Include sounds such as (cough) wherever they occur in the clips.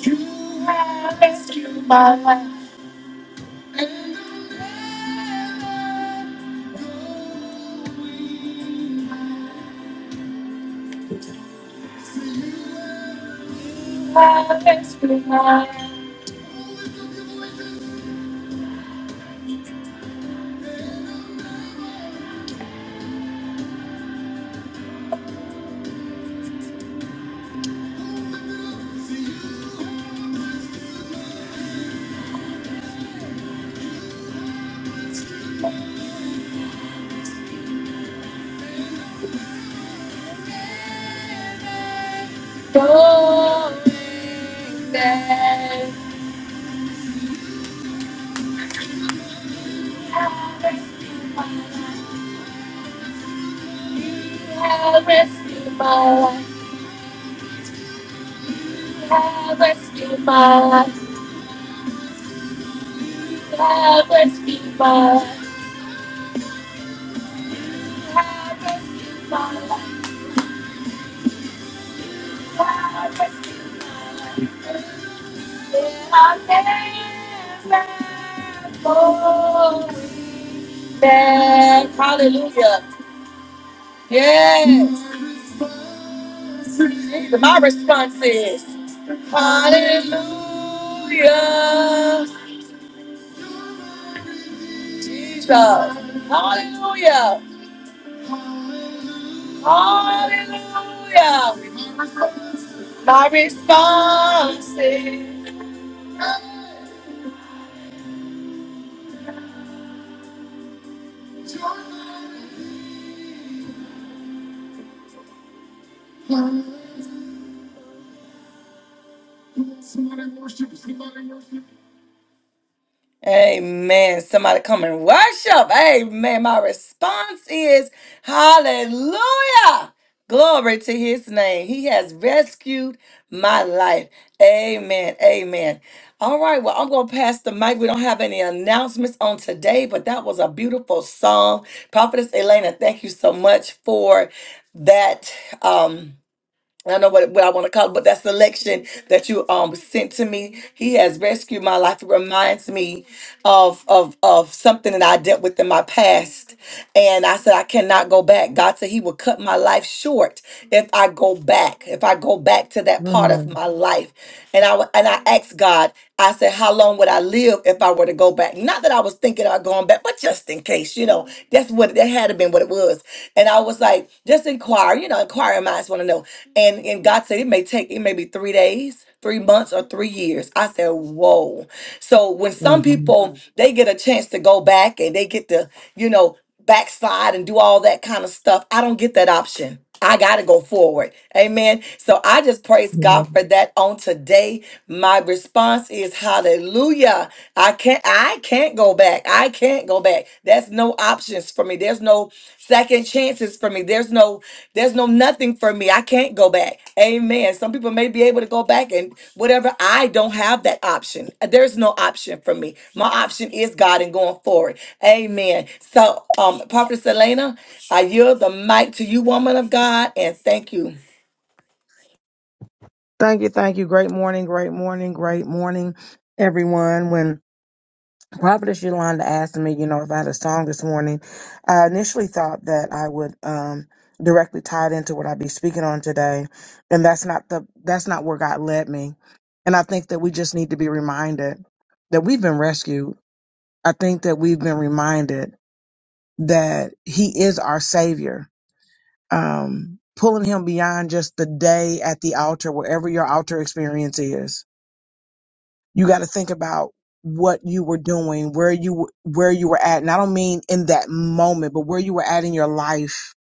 You have rescued my life. Rescue my life, you have rescued my life, you have rescued my life. you have rescued my life, you have rescued my life. Yes, hallelujah. Yes. My response is Hallelujah. Jesus. Hallelujah. Hallelujah. My response is Hallelujah. Somebody worship, somebody worship. Amen. Somebody come and worship. Amen. My response is hallelujah. Glory to his name. He has rescued my life. Amen. Amen. All right. Well, I'm going to pass the mic. We don't have any announcements on today, but that was a beautiful song. Prophetess Elena, thank you so much for that. Um, I don't know what, what I want to call it, but that selection that you um sent to me, he has rescued my life. It reminds me of of of something that I dealt with in my past. And I said I cannot go back. God said he will cut my life short if I go back, if I go back to that part of Mhm, my life. And I wa- and I asked God. I said, How long would I live if I were to go back? Not that I was thinking about going back, but just in case, you know, that's what that had to been what it was. And I was like, just inquire, you know, inquiring minds want to know. And and God said it may take it may be three days, three months, or three years. I said, Whoa. So when some people mhm, Mm. they get a chance to go back and they get to, you know backslide and do all that kind of stuff. I don't get that option. I got to go forward. Amen. So I just praise God mhm. for that on today. My response is hallelujah. I can't I can't go back. I can't go back. That's no options for me. There's no second chances for me. There's no there's no nothing for me. I can't go back. Amen. Some people may be able to go back and whatever. I don't have that option. There's no option for me. My option is God and going forward. Amen. So, um, Prophet Selena, I yield the mic to you, woman of God, and thank you. Thank you, thank you. Great morning, great morning, great morning, everyone. When Prophetess Yolanda asked me, you know, if I had a song this morning, I initially thought that I would um directly tie it into what I'd be speaking on today. And that's not the that's not where God led me. And I think that we just need to be reminded that we've been rescued. I think that we've been reminded that He is our Savior um, pulling him beyond just the day at the altar, wherever your altar experience is. You got to think about what you were doing, where you w- where you were at, and I don't mean in that moment, but where you were at in your life,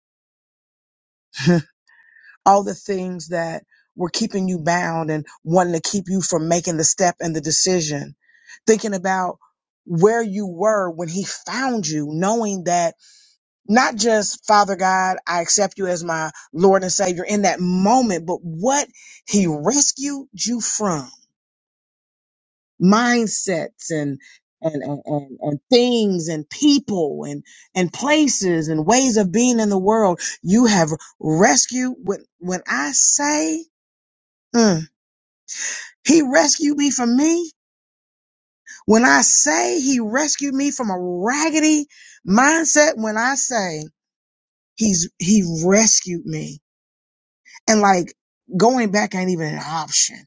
(laughs) all the things that were keeping you bound and wanting to keep you from making the step and the decision. Thinking about where you were when he found you, knowing that not just Father God, I accept you as my Lord and Savior in that moment, but what He rescued you from mindsets and and, and, and, and things and people and, and places and ways of being in the world. You have rescued when, when I say mm, he rescued me from me, when I say he rescued me from a raggedy mindset, when I say he's, he rescued me and like going back ain't even an option.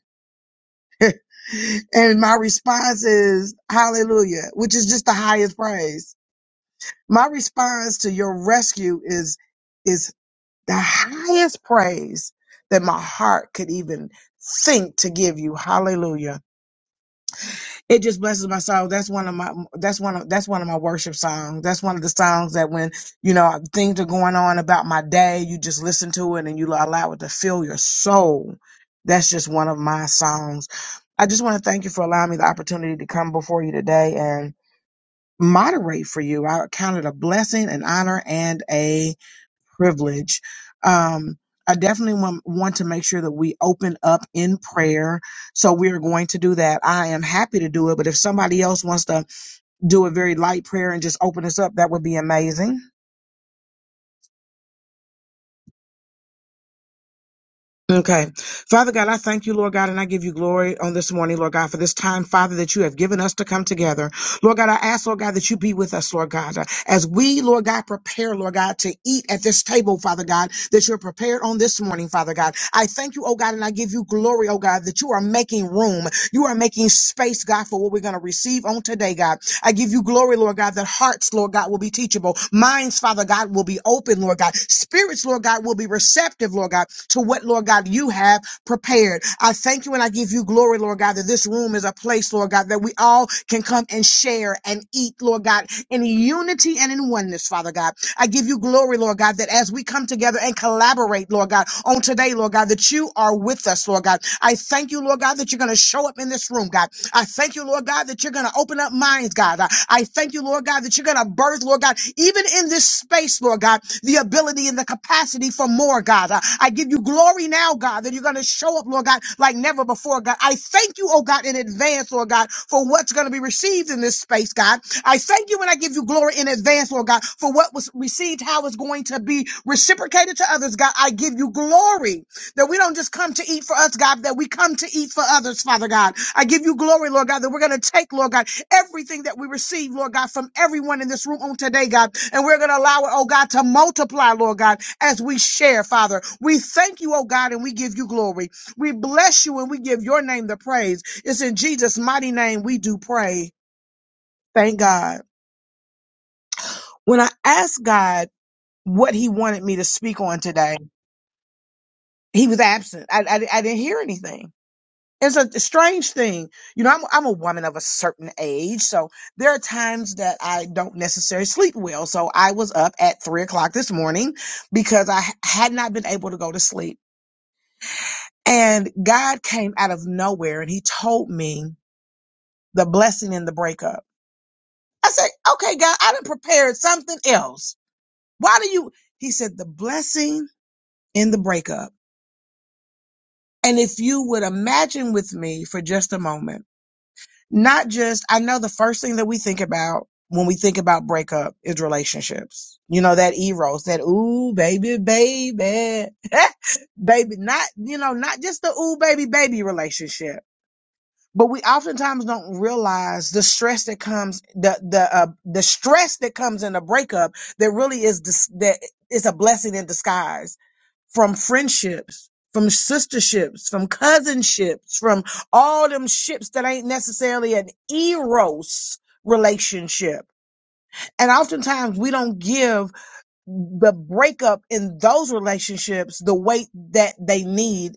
(laughs) and my response is hallelujah, which is just the highest praise. My response to your rescue is is the highest praise that my heart could even think to give you. Hallelujah. it just blesses my soul. That's one of my that's one of that's one of my worship songs. That's one of the songs that when you know things are going on about my day, you just listen to it and you allow it to fill your soul. That's just one of my songs. I just want to thank you for allowing me the opportunity to come before you today and moderate for you. I count it a blessing, an honor, and a privilege. Um, I definitely want, want to make sure that we open up in prayer. So we are going to do that. I am happy to do it, but if somebody else wants to do a very light prayer and just open us up, that would be amazing. Okay. Father God, I thank you, Lord God, and I give you glory on this morning, Lord God, for this time, Father, that you have given us to come together. Lord God, I ask, Lord God, that you be with us, Lord God, uh, as we, Lord God, prepare, Lord God, to eat at this table, Father God, that you're prepared on this morning, Father God. I thank you, oh God, and I give you glory, oh God, that you are making room. You are making space, God, for what we're going to receive on today, God. I give you glory, Lord God, that hearts, Lord God, will be teachable. Minds, Father God, will be open, Lord God. Spirits, Lord God, will be receptive, Lord God, to what, Lord God, you have prepared. I thank you and I give you glory, Lord God, that this room is a place, Lord God, that we all can come and share and eat, Lord God, in unity and in oneness, Father God. I give you glory, Lord God, that as we come together and collaborate, Lord God, on today, Lord God, that you are with us, Lord God. I thank you, Lord God, that you're going to show up in this room, God. I thank you, Lord God, that you're going to open up minds, God. I I thank you, Lord God, that you're going to birth, Lord God, even in this space, Lord God, the ability and the capacity for more, God. I I give you glory now, God, that you're going to show up, Lord God, like never before, God. I thank you, oh God, in advance, Lord God, for what's going to be received in this space, God. I thank you and I give you glory in advance, Lord God, for what was received, how it's going to be reciprocated to others, God. I give you glory that we don't just come to eat for us, God, that we come to eat for others, Father God. I give you glory, Lord God, that we're going to take, Lord God, everything that we receive, Lord God, from everyone in this room on today, God, and we're going to allow it, oh God, to multiply, Lord God, as we share, Father. We thank you, oh God, and we give you glory. We bless you and we give your name the praise. It's in Jesus' mighty name we do pray. Thank God. When I asked God what he wanted me to speak on today, he was absent. I, I, I didn't hear anything. it's a strange thing. You know, I'm, I'm a woman of a certain age, so there are times that I don't necessarily sleep well. So I was up at three o'clock this morning because I had not been able to go to sleep. And God came out of nowhere and he told me the blessing in the breakup. I said, okay, God, I done prepared something else. Why do you? He said, the blessing in the breakup. And if you would imagine with me for just a moment, not just I know the first thing that we think about when we think about breakup is relationships. You know, that eros, that ooh baby baby. (laughs) baby, not you know, not just the ooh baby baby relationship. But we oftentimes don't realize the stress that comes, the the uh, the stress that comes in a breakup. That really is dis- that is a blessing in disguise from friendships, from sisterships, from cousinships, from all them ships that ain't necessarily an eros relationship. And oftentimes we don't give the breakup in those relationships the weight that they need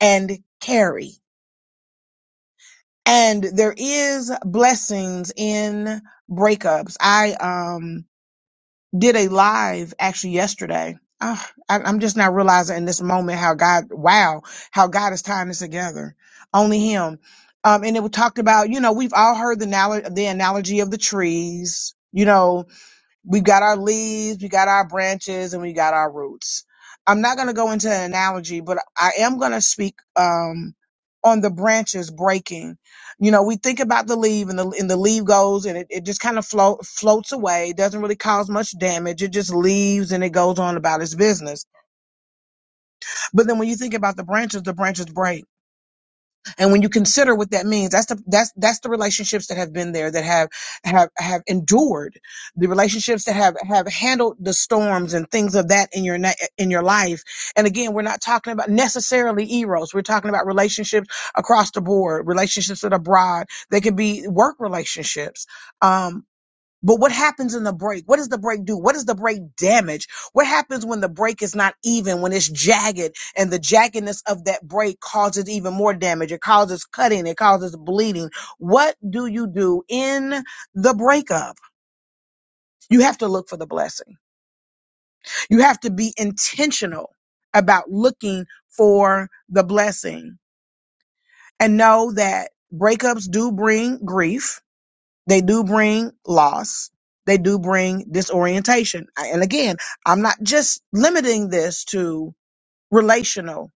and carry. And there is blessings in breakups. I um did a live actually yesterday. Ah, I, I'm just now realizing in this moment how God, wow, how God is tying this together. Only Him. Um, and it was talked about, you know, we've all heard the, anal- the analogy of the trees, you know, We've got our leaves, we got our branches, and we got our roots. I'm not going to go into an analogy, but I am going to speak um, on the branches breaking. You know, we think about the leaf, and the and the leaf goes, and it, it just kind of float floats away. It doesn't really cause much damage. It just leaves, and it goes on about its business. But then when you think about the branches, the branches break and when you consider what that means, that's the that's that's the relationships that have been there that have have have endured, the relationships that have have handled the storms and things of that in your na- in your life. And again, we're not talking about necessarily eros. We're talking about relationships across the board, relationships that are broad. They can be work relationships. Um. But what happens in the break? What does the break do? What does the break damage? What happens when the break is not even, when it's jagged and the jaggedness of that break causes even more damage? It causes cutting. It causes bleeding. What do you do in the breakup? You have to look for the blessing. You have to be intentional about looking for the blessing and know that breakups do bring grief They do bring loss. They do bring disorientation. I- And again, I'm not just limiting this to relational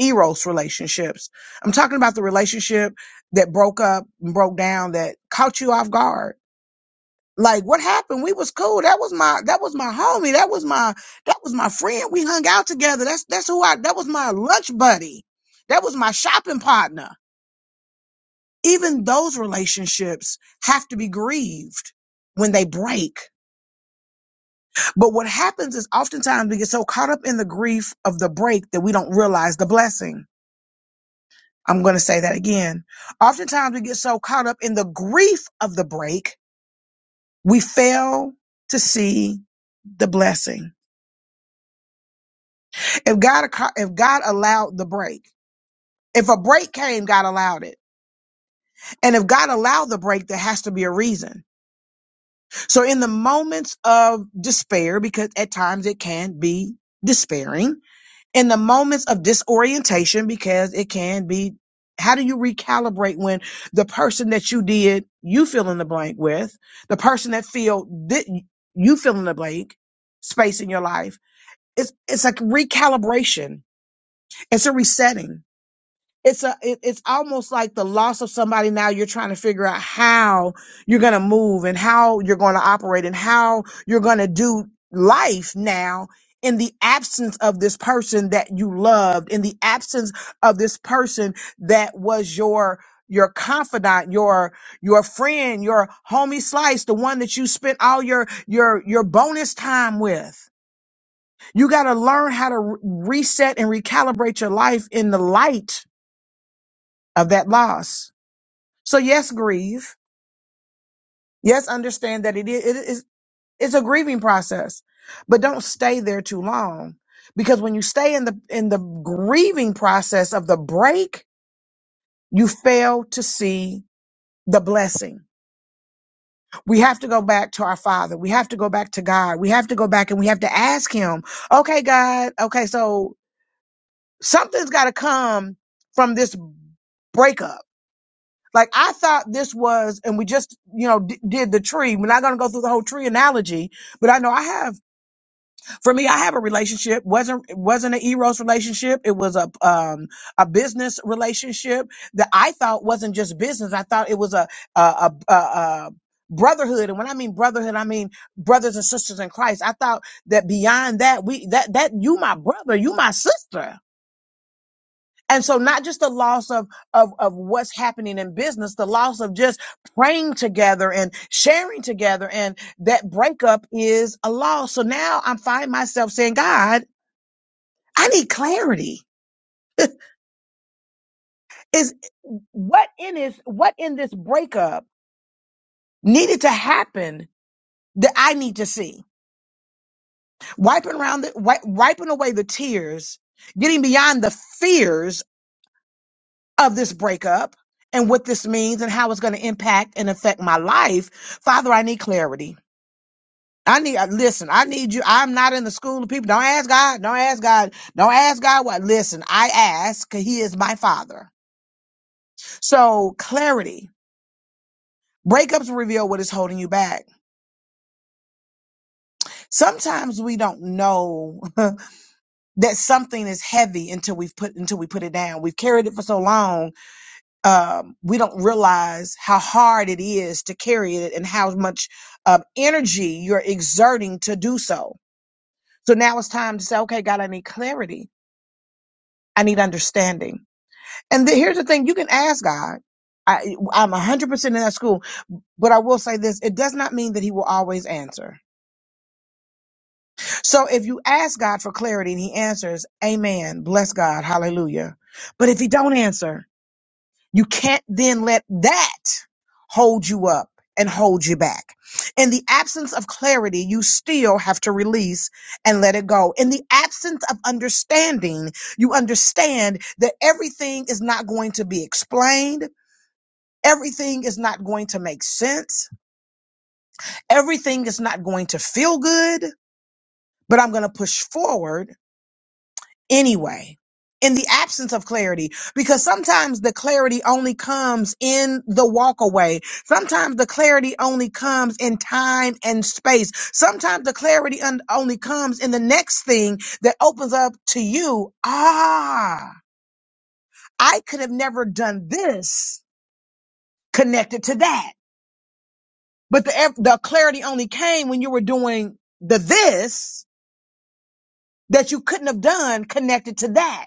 eros relationships. I'm talking about the relationship that broke up and broke down that caught you off guard. Like what happened? We was cool. That was my that was my homie. That was my that was my friend. We hung out together. That's that's who I that was my lunch buddy. That was my shopping partner even those relationships have to be grieved when they break. But what happens is oftentimes we get so caught up in the grief of the break that we don't realize the blessing. I'm going to say that again. Oftentimes we get so caught up in the grief of the break, we fail to see the blessing. If God, if God allowed the break, if a break came, God allowed it. And if God allowed the break, there has to be a reason. So in the moments of despair, because at times it can be despairing, in the moments of disorientation, because it can be, how do you recalibrate when the person that you did, you fill in the blank with, the person that feel that you fill in the blank space in your life, it's, it's like recalibration. It's a resetting it's a it, it's almost like the loss of somebody now you're trying to figure out how you're going to move and how you're going to operate and how you're going to do life now in the absence of this person that you loved in the absence of this person that was your your confidant your your friend your homie slice the one that you spent all your your your bonus time with you got to learn how to re- reset and recalibrate your life in the light of that loss. So yes, grieve. Yes, understand that it is, it is it's a grieving process, but don't stay there too long because when you stay in the in the grieving process of the break, you fail to see the blessing. We have to go back to our Father. We have to go back to God. We have to go back and we have to ask Him, okay, God, okay, so something's got to come from this breakup Like I thought this was, and we just, you know, d- did the tree. We're not going to go through the whole tree analogy, but I know I have, for me, I have a relationship. wasn't It wasn't an eros relationship. It was a um a business relationship that I thought wasn't just business. I thought it was a a a, a, a brotherhood and when i mean brotherhood i mean brothers and sisters in christ i thought that beyond that we that that you my brother you my sister and so not just the loss of, of, of what's happening in business, the loss of just praying together and sharing together. And that breakup is a loss. So now I find myself saying, God, I need clarity. (laughs) Is what in is what in this breakup needed to happen that I need to see? Wiping around the, wi- wiping away the tears, getting beyond the fears of this breakup and what this means and how it's going to impact and affect my life. Father, I need clarity. I need, uh, listen, I need you. I'm not in the school of people. Don't ask God. Don't ask God. Don't ask God what. Listen, I ask 'cause He is my Father. So clarity. Breakups reveal what is holding you back. Sometimes we don't know (laughs) that something is heavy until we've put until we put it down. We've carried it for so long um, we don't realize how hard it is to carry it and how much um, energy you're exerting to do so. So now it's time to say, okay, God, I need clarity. I need understanding. And the, here's the thing you can ask God. I, I'm 100% in that school, but I will say this it does not mean that He will always answer. So if you ask God for clarity and He answers, Amen, bless God, hallelujah. But if He don't answer, you can't then let that hold you up and hold you back. In the absence of clarity, you still have to release and let it go. In the absence of understanding, you understand that everything is not going to be explained. Everything is not going to make sense. Everything is not going to feel good, but I'm going to push forward anyway in the absence of clarity because sometimes the clarity only comes in the walk away sometimes the clarity only comes in time and space sometimes the clarity un- only comes in the next thing that opens up to you ah i could have never done this connected to that but the ev- the clarity only came when you were doing the this that you couldn't have done connected to that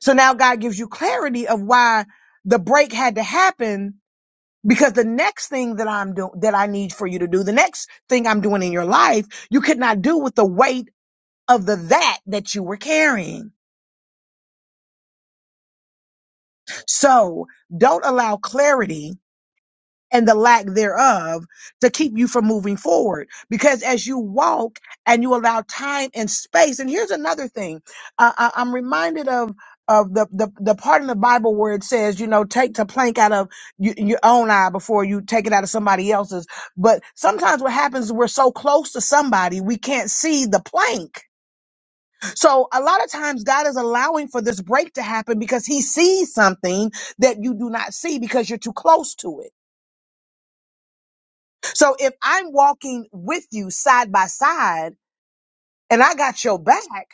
So now God gives you clarity of why the break had to happen because the next thing that I'm doing, that I need for you to do, the next thing I'm doing in your life, you could not do with the weight of the that that you were carrying. So don't allow clarity and the lack thereof to keep you from moving forward. Because as you walk and you allow time and space, and here's another thing, uh, I, I'm reminded of of the, the the part in the Bible where it says, you know, take the plank out of y- your own eye before you take it out of somebody else's. But sometimes what happens is we're so close to somebody we can't see the plank. So a lot of times God is allowing for this break to happen because He sees something that you do not see because you're too close to it. So if I'm walking with you side by side and I got your back,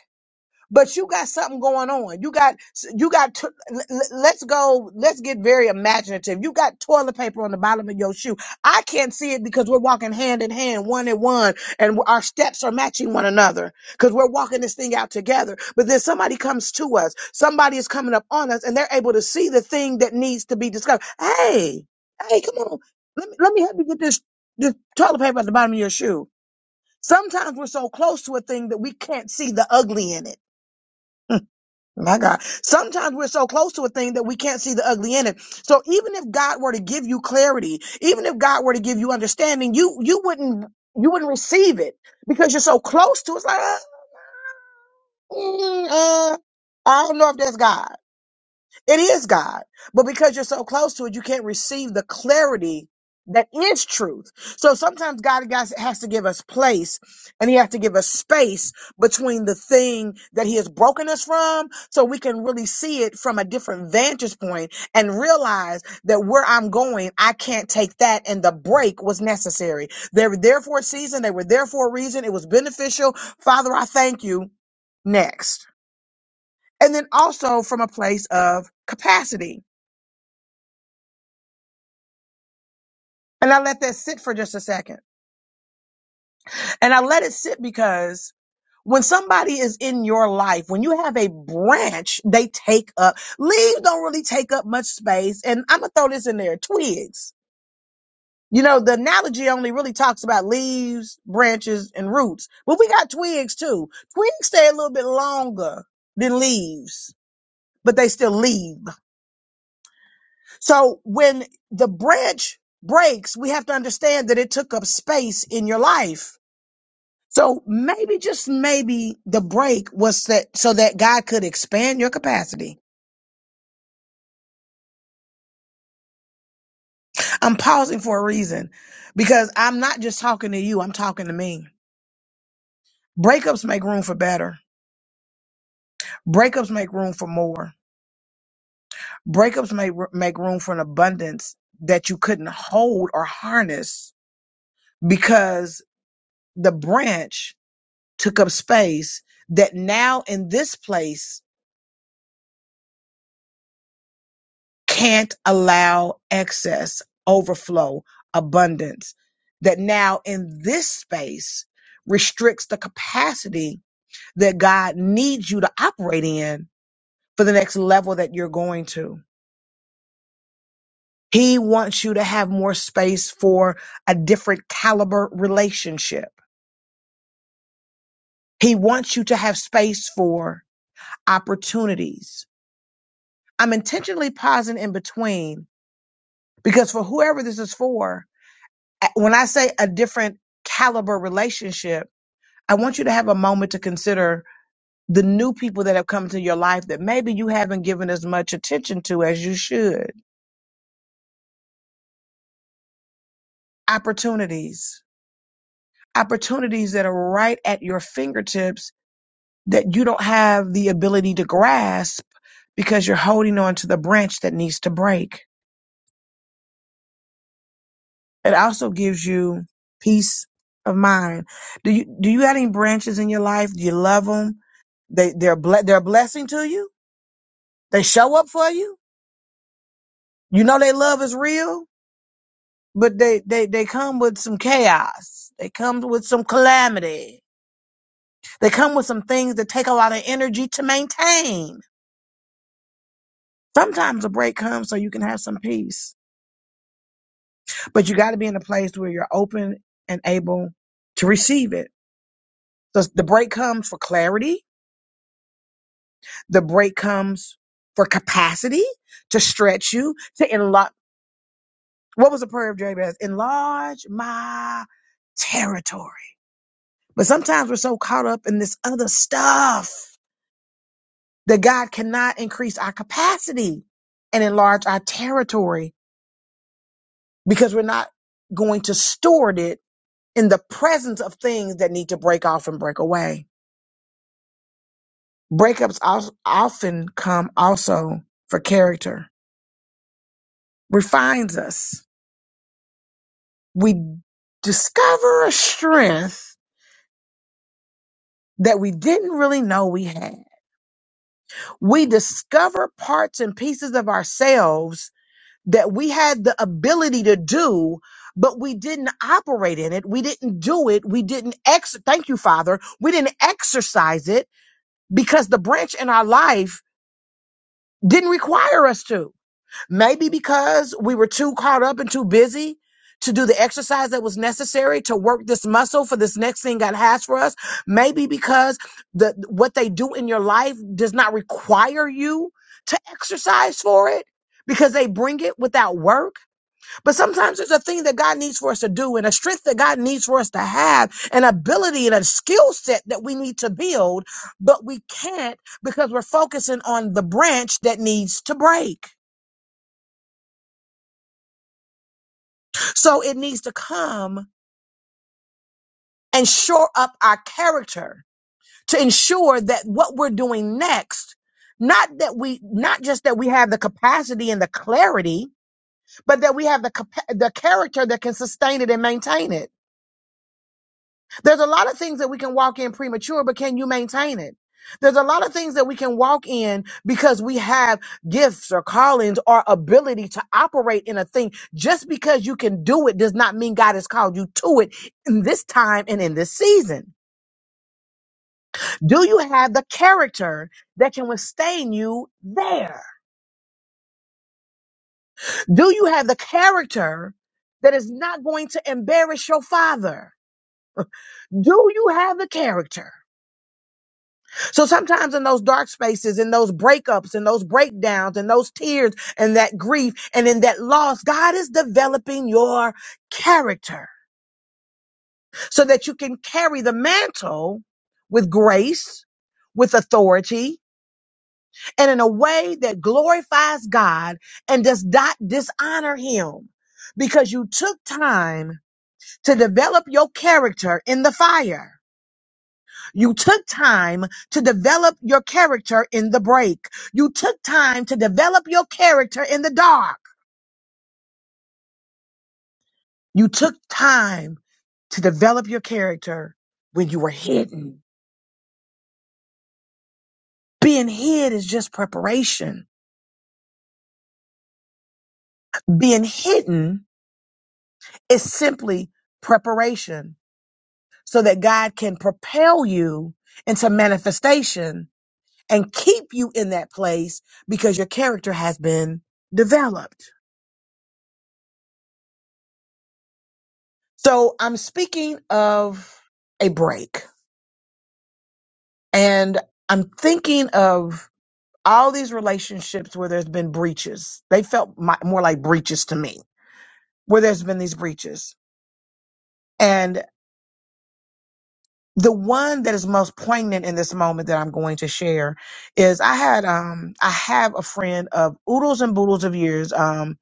but you got something going on. You got you got. t- l- l- let's go. Let's get very imaginative. You got toilet paper on the bottom of your shoe. I can't see it because we're walking hand in hand, one in one, and our steps are matching one another because we're walking this thing out together. But then somebody comes to us. Somebody is coming up on us, and they're able to see the thing that needs to be discovered. Hey, hey, come on. Let me let me help you get this this toilet paper at the bottom of your shoe. Sometimes we're so close to a thing that we can't see the ugly in it my God. Sometimes we're so close to a thing that we can't see the ugly in it. So even if God were to give you clarity, even if God were to give you understanding, you you wouldn't you wouldn't receive it because you're so close to it. It's like uh, mm, uh, I don't know if that's God. It is God. But because you're so close to it, you can't receive the clarity that is truth. So sometimes God has has to give us place and he has to give us space between the thing that he has broken us from so we can really see it from a different vantage point and realize that where I'm going, I can't take that and the break was necessary. They were there for a season. They were there for a reason. It was beneficial. Father, I thank you. Next. And then also from a place of capacity And I let that sit for just a second. And I let it sit because when somebody is in your life, when you have a branch, they take up, leaves don't really take up much space. And I'm going to throw this in there twigs. You know, the analogy only really talks about leaves, branches, and roots, but we got twigs too. Twigs stay a little bit longer than leaves, but they still leave. So when the branch breaks, we have to understand that it took up space in your life So maybe, just maybe, the break was that so that God could expand your capacity. I'm pausing for a reason because I'm not just talking to you, I'm talking to me. Breakups make room for better, breakups make room for more, breakups make, make room for an abundance that you couldn't hold or harness because the branch took up space that now in this place can't allow excess, overflow, abundance that now in this space restricts the capacity that God needs you to operate in for the next level that you're going to. He wants you to have more space for a different caliber relationship. He wants you to have space for opportunities. I'm intentionally pausing in between because for whoever this is for, a- when I say a different caliber relationship, I want you to have a moment to consider the new people that have come to your life that maybe you haven't given as much attention to as you should. Opportunities, opportunities that are right at your fingertips that you don't have the ability to grasp because you're holding on to the branch that needs to break. It also gives you peace of mind. Do you do you have any branches in your life? Do you love them? They they're ble- they're a blessing to you They show up for you. You know they love is real, but they they they come with some chaos. They come with some calamity. They come with some things that take a lot of energy to maintain. Sometimes a break comes so you can have some peace, but you got to be in a place where you're open and able to receive it. So the break comes for clarity. The break comes for capacity to stretch you to enlarge. What was the prayer of Jabez? Enlarge my territory. But sometimes we're so caught up in this other stuff that God cannot increase our capacity and enlarge our territory because we're not going to store it in the presence of things that need to break off and break away. Breakups al- often come also for character, refines us. We discover a strength that we didn't really know we had. We discover parts and pieces of ourselves that we had the ability to do, but we didn't operate in it. We didn't do it. We didn't ex, thank you, Father. We didn't exercise it because the branch in our life didn't require us to. Maybe because we were too caught up and too busy to do the exercise that was necessary to work this muscle for this next thing God has for us. Maybe because the, what they do in your life does not require you to exercise for it because they bring it without work but sometimes there's a thing that God needs for us to do and a strength that God needs for us to have, an ability and a skill set that we need to build, but we can't because we're focusing on the branch that needs to break. So it needs to come and shore up our character to ensure that what we're doing next not that we not just that we have the capacity and the clarity but that we have the capa- the character that can sustain it and maintain it There's a lot of things that we can walk in premature, but can you maintain it? There's a lot of things that we can walk in because we have gifts or callings or ability to operate in a thing. Just because you can do it does not mean God has called you to it in this time and in this season. Do you have the character that can withstand you there? Do you have the character that is not going to embarrass your father? Do you have the character? So sometimes in those dark spaces, in those breakups, in those breakdowns, in those tears, and that grief, and in that loss, God is developing your character so that you can carry the mantle with grace, with authority, and in a way that glorifies God and does not dishonor Him because you took time to develop your character in the fire. You took time to develop your character in the break. You took time to develop your character in the dark. You took time to develop your character when you were hidden. Being hid is just preparation. Being hidden is simply preparation so that God can propel you into manifestation and keep you in that place because your character has been developed. So I'm speaking of a break and I'm thinking of all these relationships where there's been breaches. They felt mi- more like breaches to me, where there's been these breaches. And the one that is most poignant in this moment that I'm going to share is I had um I have a friend of oodles and boodles of years. Um,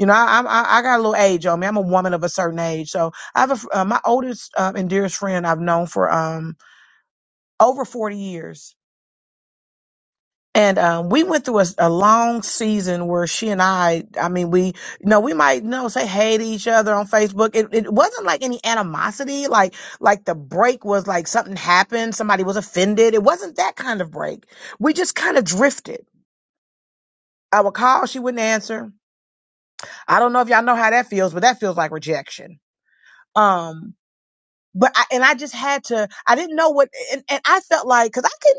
you know I I'm- I, I got a little age on me. I'm a woman of a certain age, so I have a, fr- uh, my oldest uh, and dearest friend I've known for um over 40 years And um, we went through a, a long season where she and I, I mean, we, you know, we might, you know, say hey to each other on Facebook. It, it wasn't like any animosity, like, like the break was like something happened, somebody was offended. It wasn't that kind of break. We just kind of drifted. I would call, she wouldn't answer. I don't know if y'all know how that feels, but that feels like rejection. Um, but I, and I just had to, I didn't know what, and, and I felt like, cause I couldn't.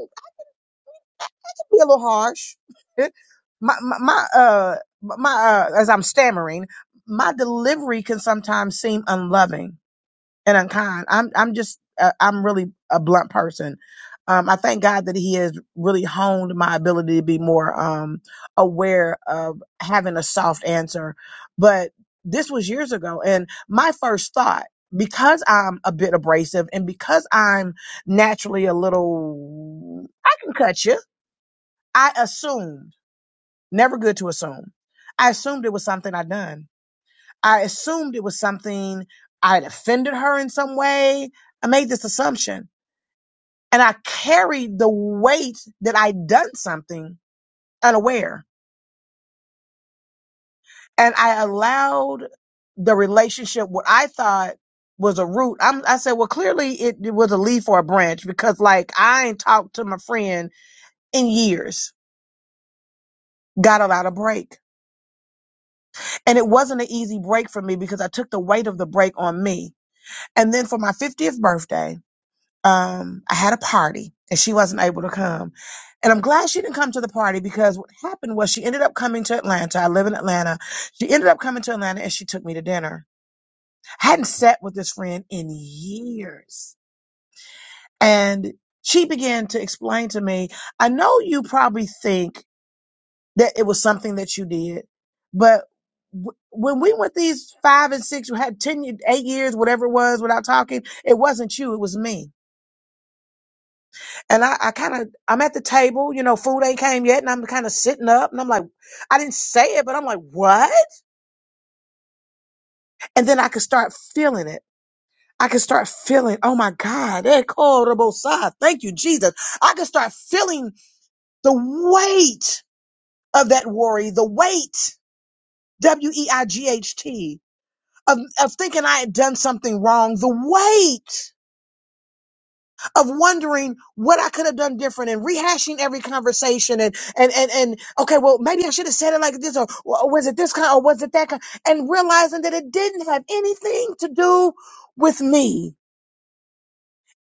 be a little harsh. (laughs) my, my, my uh, my, uh, as I'm stammering, my delivery can sometimes seem unloving and unkind. I'm, I'm just, uh, I'm really a blunt person. Um, I thank God that He has really honed my ability to be more um, aware of having a soft answer. But this was years ago, and my first thought, because I'm a bit abrasive and because I'm naturally a little, I can cut you I assumed, never good to assume. I assumed it was something I'd done. I assumed it was something I'd offended her in some way. I made this assumption and I carried the weight that I'd done something unaware. And I allowed the relationship, what I thought was a root. I'm, I said, well, clearly it, it was a leaf or a branch because like I ain't talked to my friend in years, got a lot of break. And it wasn't an easy break for me because I took the weight of the break on me. And then for my 50th birthday, um, I had a party and she wasn't able to come. And I'm glad she didn't come to the party because what happened was she ended up coming to Atlanta. I live in Atlanta. She ended up coming to Atlanta and she took me to dinner. I hadn't sat with this friend in years. And she began to explain to me, I know you probably think that it was something that you did. But w- when we went these five and six, you had 10, ye- eight years, whatever it was, without talking, it wasn't you, it was me. And I, I kind of, I'm at the table, you know, food ain't came yet, and I'm kind of sitting up, and I'm like, I didn't say it, but I'm like, what? And then I could start feeling it. I could start feeling, oh my God, that horrible side. Thank you, Jesus. I could start feeling the weight of that worry, the weight, W E I G H T of, of thinking I had done something wrong, the weight of wondering what I could have done different and rehashing every conversation and, and, and, and, okay, well, maybe I should have said it like this or, or was it this kind or was it that kind and realizing that it didn't have anything to do with me.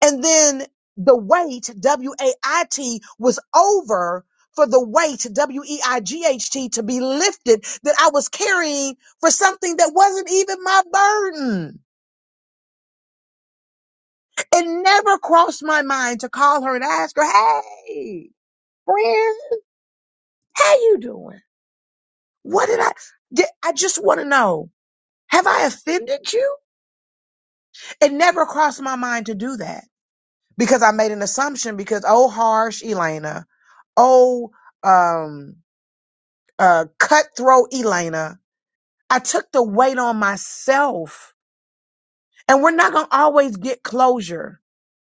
And then the weight, W-A-I-T was over for the weight, W-E-I-G-H-T to be lifted that I was carrying for something that wasn't even my burden. It never crossed my mind to call her and ask her, "Hey, friend, how you doing? What did I? Did, I just want to know. Have I offended you?" It never crossed my mind to do that because I made an assumption. Because oh, harsh Elena, oh, um, uh, cutthroat Elena, I took the weight on myself, and we're not gonna always get closure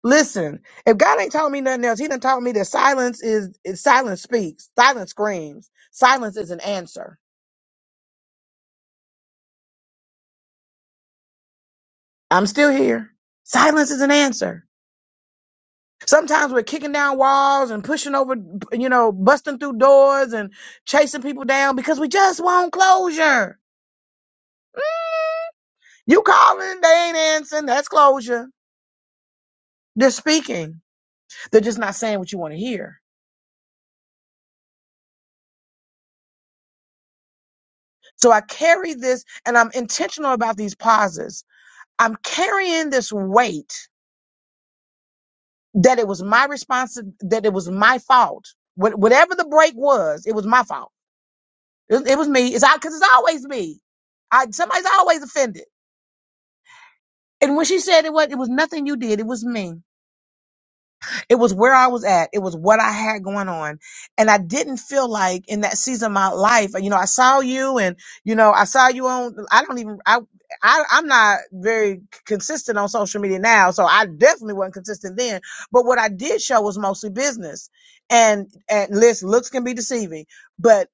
Listen, if God ain't telling me nothing else, He done taught me that silence is, is silence speaks, silence screams, silence is an answer. I'm still here. Silence is an answer. Sometimes we're kicking down walls and pushing over, you know, busting through doors and chasing people down because we just want closure. You calling, they ain't answering. That's closure. They're speaking. They're just not saying what you want to hear. So I carry this and I'm intentional about these pauses. I'm carrying this weight that it was my response that it was my fault. What, whatever the break was, it was my fault. It, was- it was me. It's out because it's always me. I somebody's always offended. And when she said it was, it was nothing you did. It was me. It was where I was at. It was what I had going on. And I didn't feel like in that season of my life, you know, I saw you and, you know, I saw you on, I don't even, I, I, I'm not very consistent on social media now, so I definitely wasn't consistent then. But what I did show was mostly business. And, and listen, looks can be deceiving, but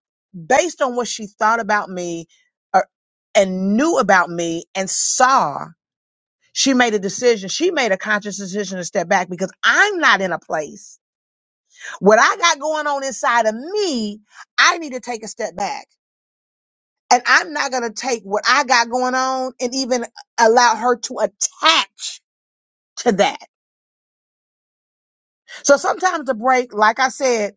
based on what she thought about me uh, and knew about me and saw she made a decision. She made a conscious decision to step back because I'm not in a place. What I got going on inside of me, I need to take a step back. And I'm not going to take what I got going on and even allow her to attach to that. So sometimes the break, like I said,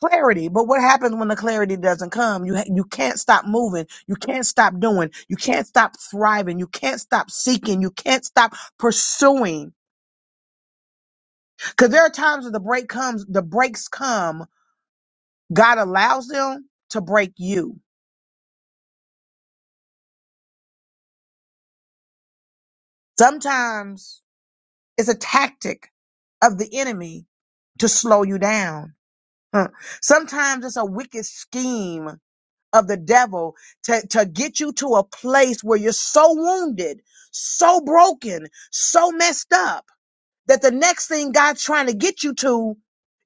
clarity. But what happens when the clarity doesn't come? You ha- you can't stop moving. You can't stop doing. You can't stop thriving. You can't stop seeking. You can't stop pursuing Because there are times when the break comes, the breaks come, God allows them to break you. Sometimes it's a tactic of the enemy to slow you down. Huh. Sometimes it's a wicked scheme of the devil to, to get you to a place where you're so wounded, so broken, so messed up that the next thing God's trying to get you to,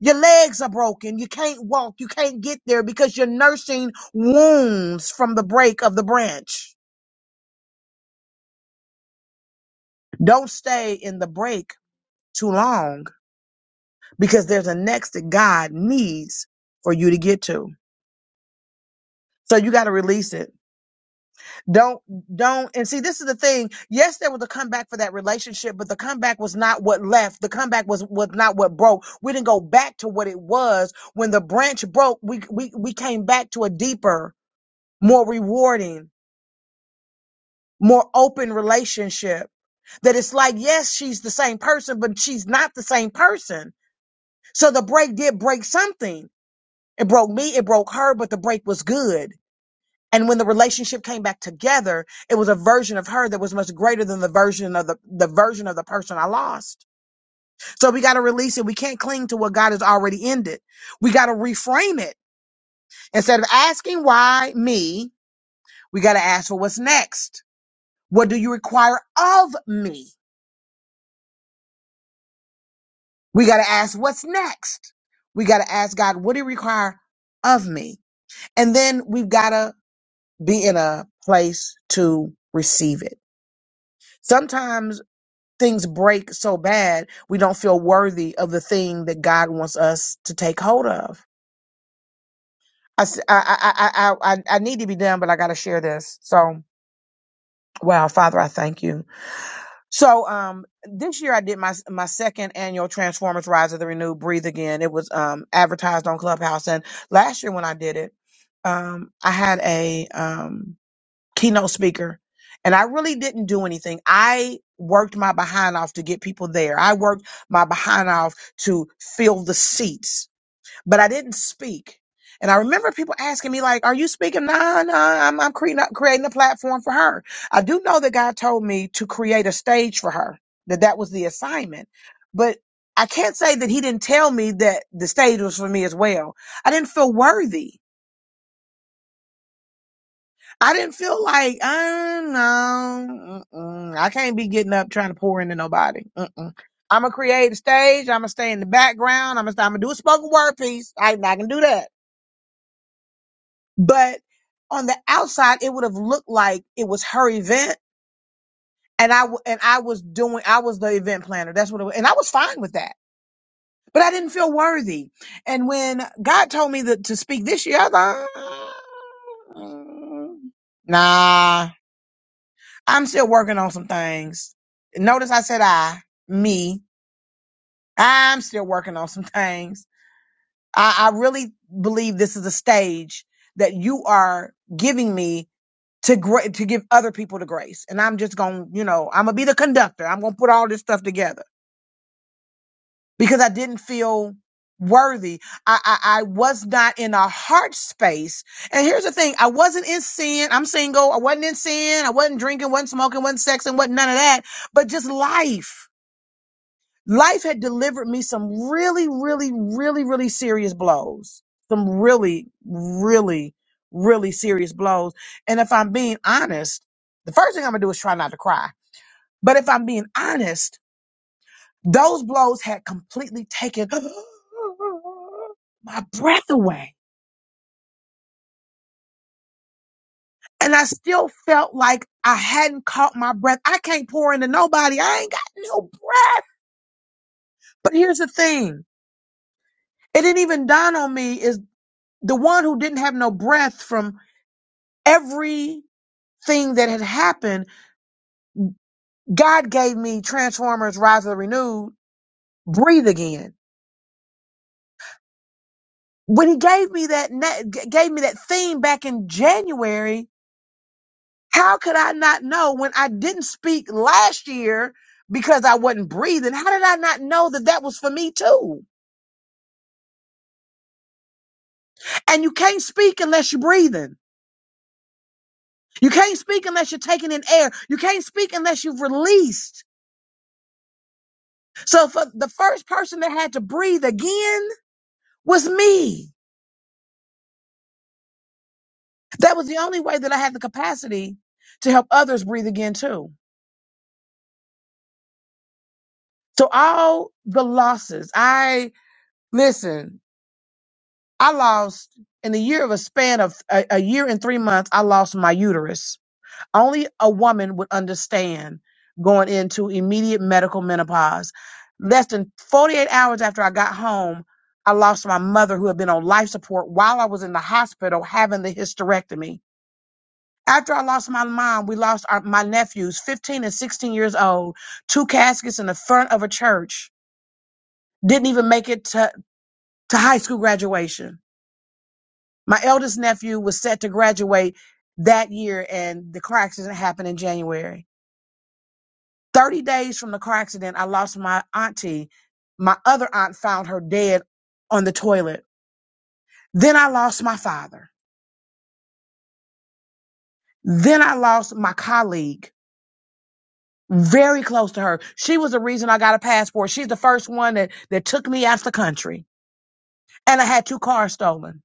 your legs are broken. You can't walk. You can't get there because you're nursing wounds from the break of the branch. Don't stay in the break too long because there's a next that God needs for you to get to. So you got to release it. Don't don't and see this is the thing. Yes, there was a comeback for that relationship, but the comeback was not what left. The comeback was was not what broke. We didn't go back to what it was. When the branch broke, we we we came back to a deeper, more rewarding, more open relationship. That it's like, yes, she's the same person, but she's not the same person. So the break did break something. It broke me, it broke her, but the break was good. And when the relationship came back together, it was a version of her that was much greater than the version of the, the version of the person I lost. So we got to release it. We can't cling to what God has already ended. We got to reframe it. Instead of asking why me, we got to ask for what's next. What do you require of me? We got to ask what's next. We got to ask God, what do you require of me? And then we've got to be in a place to receive it. Sometimes things break so bad, we don't feel worthy of the thing that God wants us to take hold of. I, s- I, I, I, I I need to be done, but I got to share this. So, wow, Father, I thank you. So, um, this year I did my my second annual Transformers Rise of the Renewed Breathe Again. It was um advertised on Clubhouse, and last year when I did it, um, I had a um keynote speaker and I really didn't do anything. I worked my behind off to get people there. I worked my behind off to fill the seats, but I didn't speak. And I remember people asking me like, "Are you speaking?" Nah, nah. I'm, I'm creating creating a platform for her. I do know that God told me to create a stage for her. That that was the assignment, but I can't say that He didn't tell me that the stage was for me as well. I didn't feel worthy. I didn't feel like, uh, no, mm-mm. I can't be getting up trying to pour into nobody. Mm-mm. I'm gonna create a stage. I'm gonna stay in the background. I'm gonna, I'm gonna do a spoken word piece. I, I can do that. But on the outside, it would have looked like it was her event, and I w- and I was doing, I was the event planner. That's what, it was. and I was fine with that. But I didn't feel worthy. And when God told me that to speak this year, I was like, "Ah, "Mm, nah. I'm still working on some things. Notice I said I, me. I'm still working on some things. I, I really believe this is a stage that you are giving me to gra- to give other people the grace. And I'm just going, to you know, I'm going to be the conductor. I'm going to put all this stuff together because I didn't feel worthy. I, I I was not in a heart space. And here's the thing, I wasn't in sin. I'm single. I wasn't in sin. I wasn't drinking, wasn't smoking, wasn't sexing, wasn't none of that, but just life life had delivered me some really, really, really, really serious blows. Some really, really, really serious blows. And if I'm being honest, the first thing I'm gonna do is try not to cry. But if I'm being honest, those blows had completely taken (gasps) my breath away. And I still felt like I hadn't caught my breath. I can't pour into nobody. I ain't got no breath. But here's the thing. It didn't even dawn on me. the one who didn't have no breath from everything that had happened, God gave me Transformers: Rise of the Renewed, breathe again. When He gave me that na- g- gave me that theme back in January, how could I not know when I didn't speak last year? Because I wasn't breathing. How did I not know that that was for me too? And you can't speak unless you're breathing. You can't speak unless you're taking in air. You can't speak unless you've released. So for the first person that had to breathe again, was me. That was the only way that I had the capacity to help others breathe again too. So all the losses, I listen, I lost in the year of a span of a, a year and three months, I lost my uterus. Only a woman would understand going into immediate medical menopause. Less than 48 hours after I got home, I lost my mother who had been on life support while I was in the hospital having the hysterectomy. After I lost my mom, we lost our, my nephews, 15 and 16 years old, two caskets in the front of a church. Didn't even make it to, to high school graduation. My eldest nephew was set to graduate that year, and the car accident happened in January. 30 days from the car accident, I lost my auntie. My other aunt found her dead on the toilet. Then I lost my father. Then I lost my colleague. very close to her. She was the reason I got a passport. She's the first one that, that took me out of the country. And I had two cars stolen.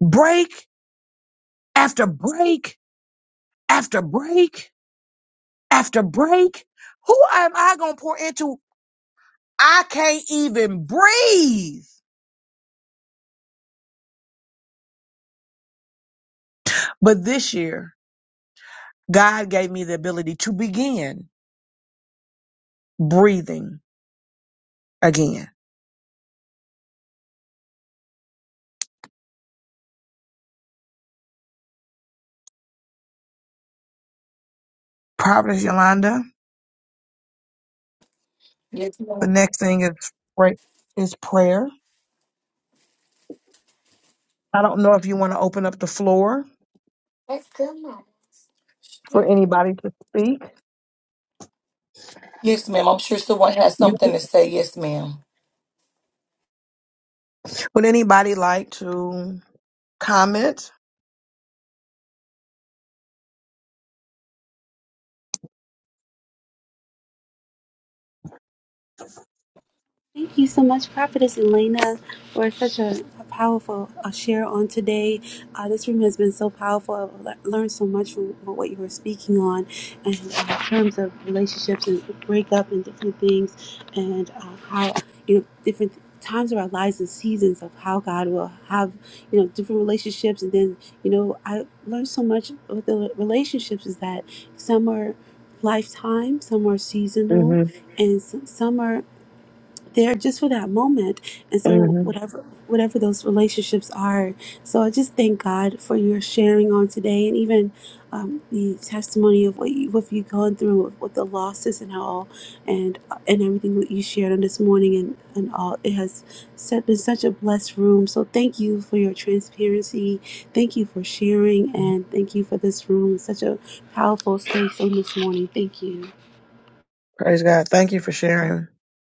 Break after break after break after break. Who am I going to pour into? I can't even breathe. But this year, God gave me the ability to begin breathing again. Providence Yolanda. Yes, The ma'am. next thing is, right, is prayer. I don't know if you want to open up the floor for anybody to speak. Yes, ma'am. I'm sure someone has You, something to say. Yes, ma'am. would anybody like to comment? Thank you so much, Prophetess Elena, for such a, a powerful uh, share on today. Uh, this room has been so powerful. I've le- learned so much from what you were speaking on, and uh, in terms of relationships and breakup and different things, and uh, how you know different times of our lives and seasons of how God will have you know different relationships, and then you know I learned so much with the relationships is that some are lifetime, some are seasonal, hmm and s- some are there just for that moment and so hmm whatever whatever those relationships are so i just thank god for your sharing on today and even um, the testimony of what, you, what you've gone through with with the losses and all and and everything that you shared on this morning and, and all it has set, been such a blessed room so thank you for your transparency thank you for sharing and thank you for this room such a powerful space on this morning thank you Praise God. Thank you for sharing,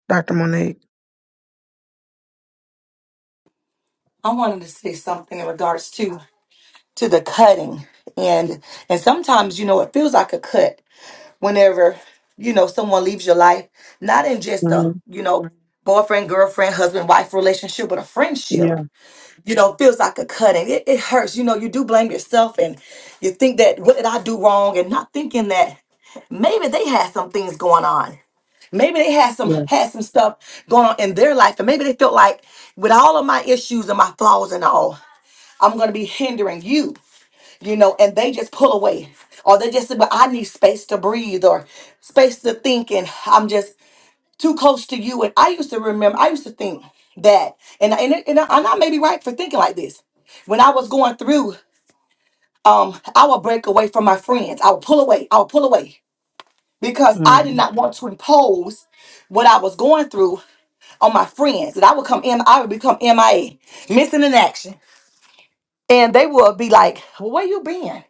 Dr. Monique. I wanted to say something in regards to to the cutting and and sometimes you know it feels like a cut whenever you know someone leaves your life not in just hmm a you know Mhm. boyfriend girlfriend husband wife relationship but a friendship Yeah, you know feels like a cutting it, it hurts you know you do blame yourself and you think that what did i do wrong and not thinking that maybe they had some things going on maybe they had some yeah. had some stuff going on in their life and maybe they felt like with all of my issues and my flaws and all I'm going to be hindering you you know, and they just pull away. Or they just say, But I need space to breathe or space to think, and I'm just too close to you. And I used to remember, I used to think that, and and, and, I, and I may be right for thinking like this. When I was going through, um, I would break away from my friends. I would pull away. I would pull away because hmm I did not want to impose what I was going through on my friends. That I would come in, I would become MIA, missing in action. And they would be like, well, where you been?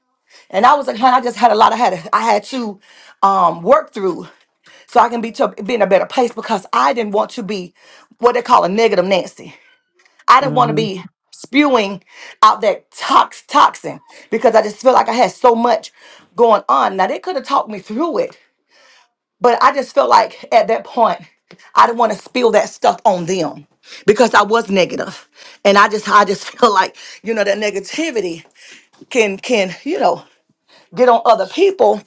And I was like, honey, I just had a lot. I had I had to um, work through so I can be to be in a better place because I didn't want to be what they call a negative Nancy. I didn't want to hmm be spewing out that tox toxin because I just feel like I had so much going on. Now they could have talked me through it, but I just felt like at that point I didn't want to spill that stuff on them because I was negative. And I just I just (laughs) feel like, you know, that negativity can can, you know, get on other people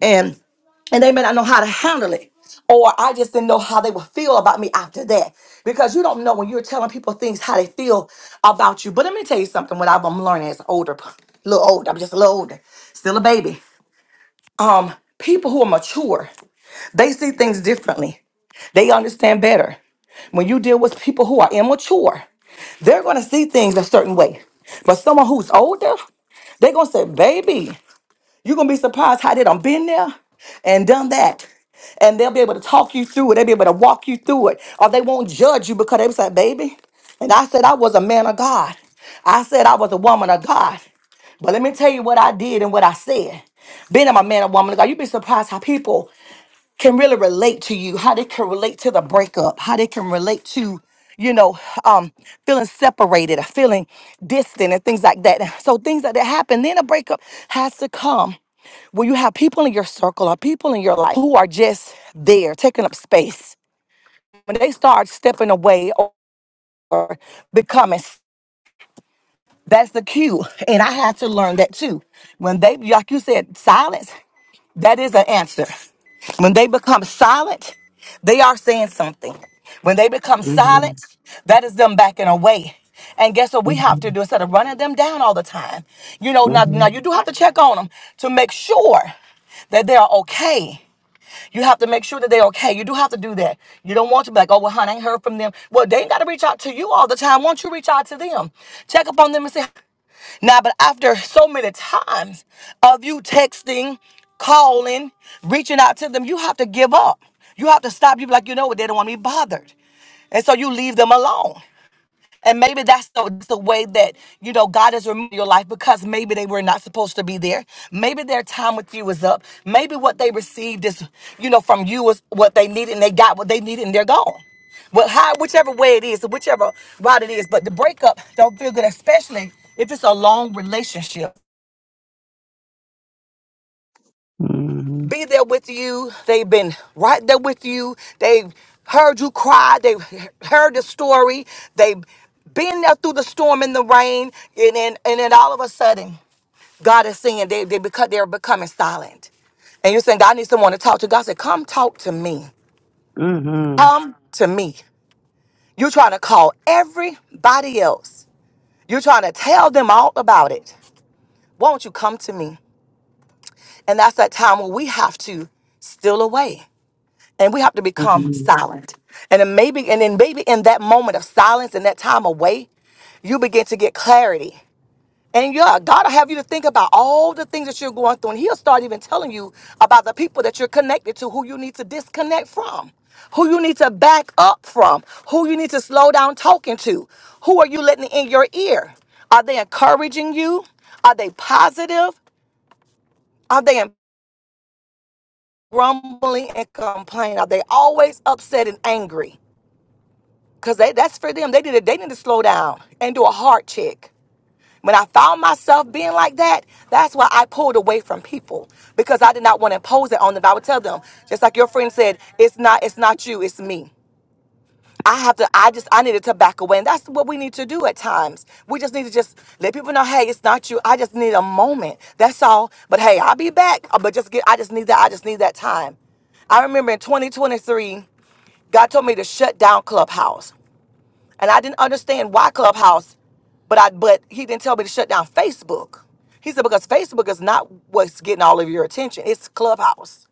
and and they may not know how to handle it or i just didn't know how they would feel about me after that because you don't know when you're telling people things how they feel about you but let me tell you something what i've been learning as older a little older i'm just a little older still a baby um people who are mature they see things differently they understand better when you deal with people who are immature they're going to see things a certain way but someone who's older they're going to say baby you're gonna be surprised how they done been there and done that. And they'll be able to talk you through it. They'll be able to walk you through it. Or they won't judge you because they was like, baby. And I said I was a man of God. I said I was a woman of God. But let me tell you what I did and what I said. Being I'm a man or woman of God, you'd be surprised how people can really relate to you, how they can relate to the breakup, how they can relate to, you know, um, feeling separated, feeling distant, and things like that. So things like that happen. Then a breakup has to come when you have people in your circle or people in your life who are just there, taking up space. When they start stepping away or becoming, that's the cue. And I had to learn that too. When they, like you said, silence. That is an answer. When they become silent, they are saying something. When they become hmm silent, that is them backing away. And guess what we have to hmm do instead of running them down all the time? You know, now, hmm now you do have to check on them to make sure that they are okay. You have to make sure that they're okay. You do have to do that. You don't want to be like, oh, well, honey, I ain't heard from them. Well, they ain't got to reach out to you all the time. Why don't you reach out to them? Check up on them and say, now, but after so many times of you texting, calling, reaching out to them, you have to give up. You have to stop. You be like, you know what? They don't want to be bothered. And so you leave them alone. And maybe that's the, that's the way that, you know, God has removed your life because maybe they were not supposed to be there. Maybe their time with you is up. Maybe what they received is, you know, from you was what they needed and they got what they needed and they're gone. Well, how, whichever way it is, whichever route it is, but the breakup don't feel good, especially if it's a long relationship. be there with you. They've been right there with you. They've heard you cry. They've heard the story. They've been there through the storm and the rain. And then, and then all of a sudden, God is saying they, they become, they're becoming silent. And you're saying, God needs someone to talk to. God said, Come talk to me. hmm Come to me. You're trying to call everybody else. You're trying to tell them all about it. Why don't you come to me? And that's that time when we have to steal away. and we have to become hmm silent. And then maybe, and then maybe in that moment of silence and that time away, you begin to get clarity. And yeah, God will have you to think about all the things that you're going through, and He'll start even telling you about the people that you're connected to, who you need to disconnect from, who you need to back up from, who you need to slow down talking to, who are you letting in your ear? Are they encouraging you? Are they positive? Are they grumbling and complaining? Are they always upset and angry? Cause they, that's for them. They did. They need to slow down and do a heart check. When I found myself being like that, that's why I pulled away from people because I did not want to impose it on them. I would tell them, just like your friend said, it's not, it's not you, it's me. I have to. I just, I needed to back away, and that's what we need to do at times. We just need to just let people know, hey, it's not you. I just need a moment. That's all. But hey, I'll be back. Uh, But just get. I just need that. I just need that time. I remember in 2023, God told me to shut down Clubhouse and I didn't understand why Clubhouse, but I but he didn't tell me to shut down Facebook. He said because Facebook is not what's getting all of your attention. It's Clubhouse.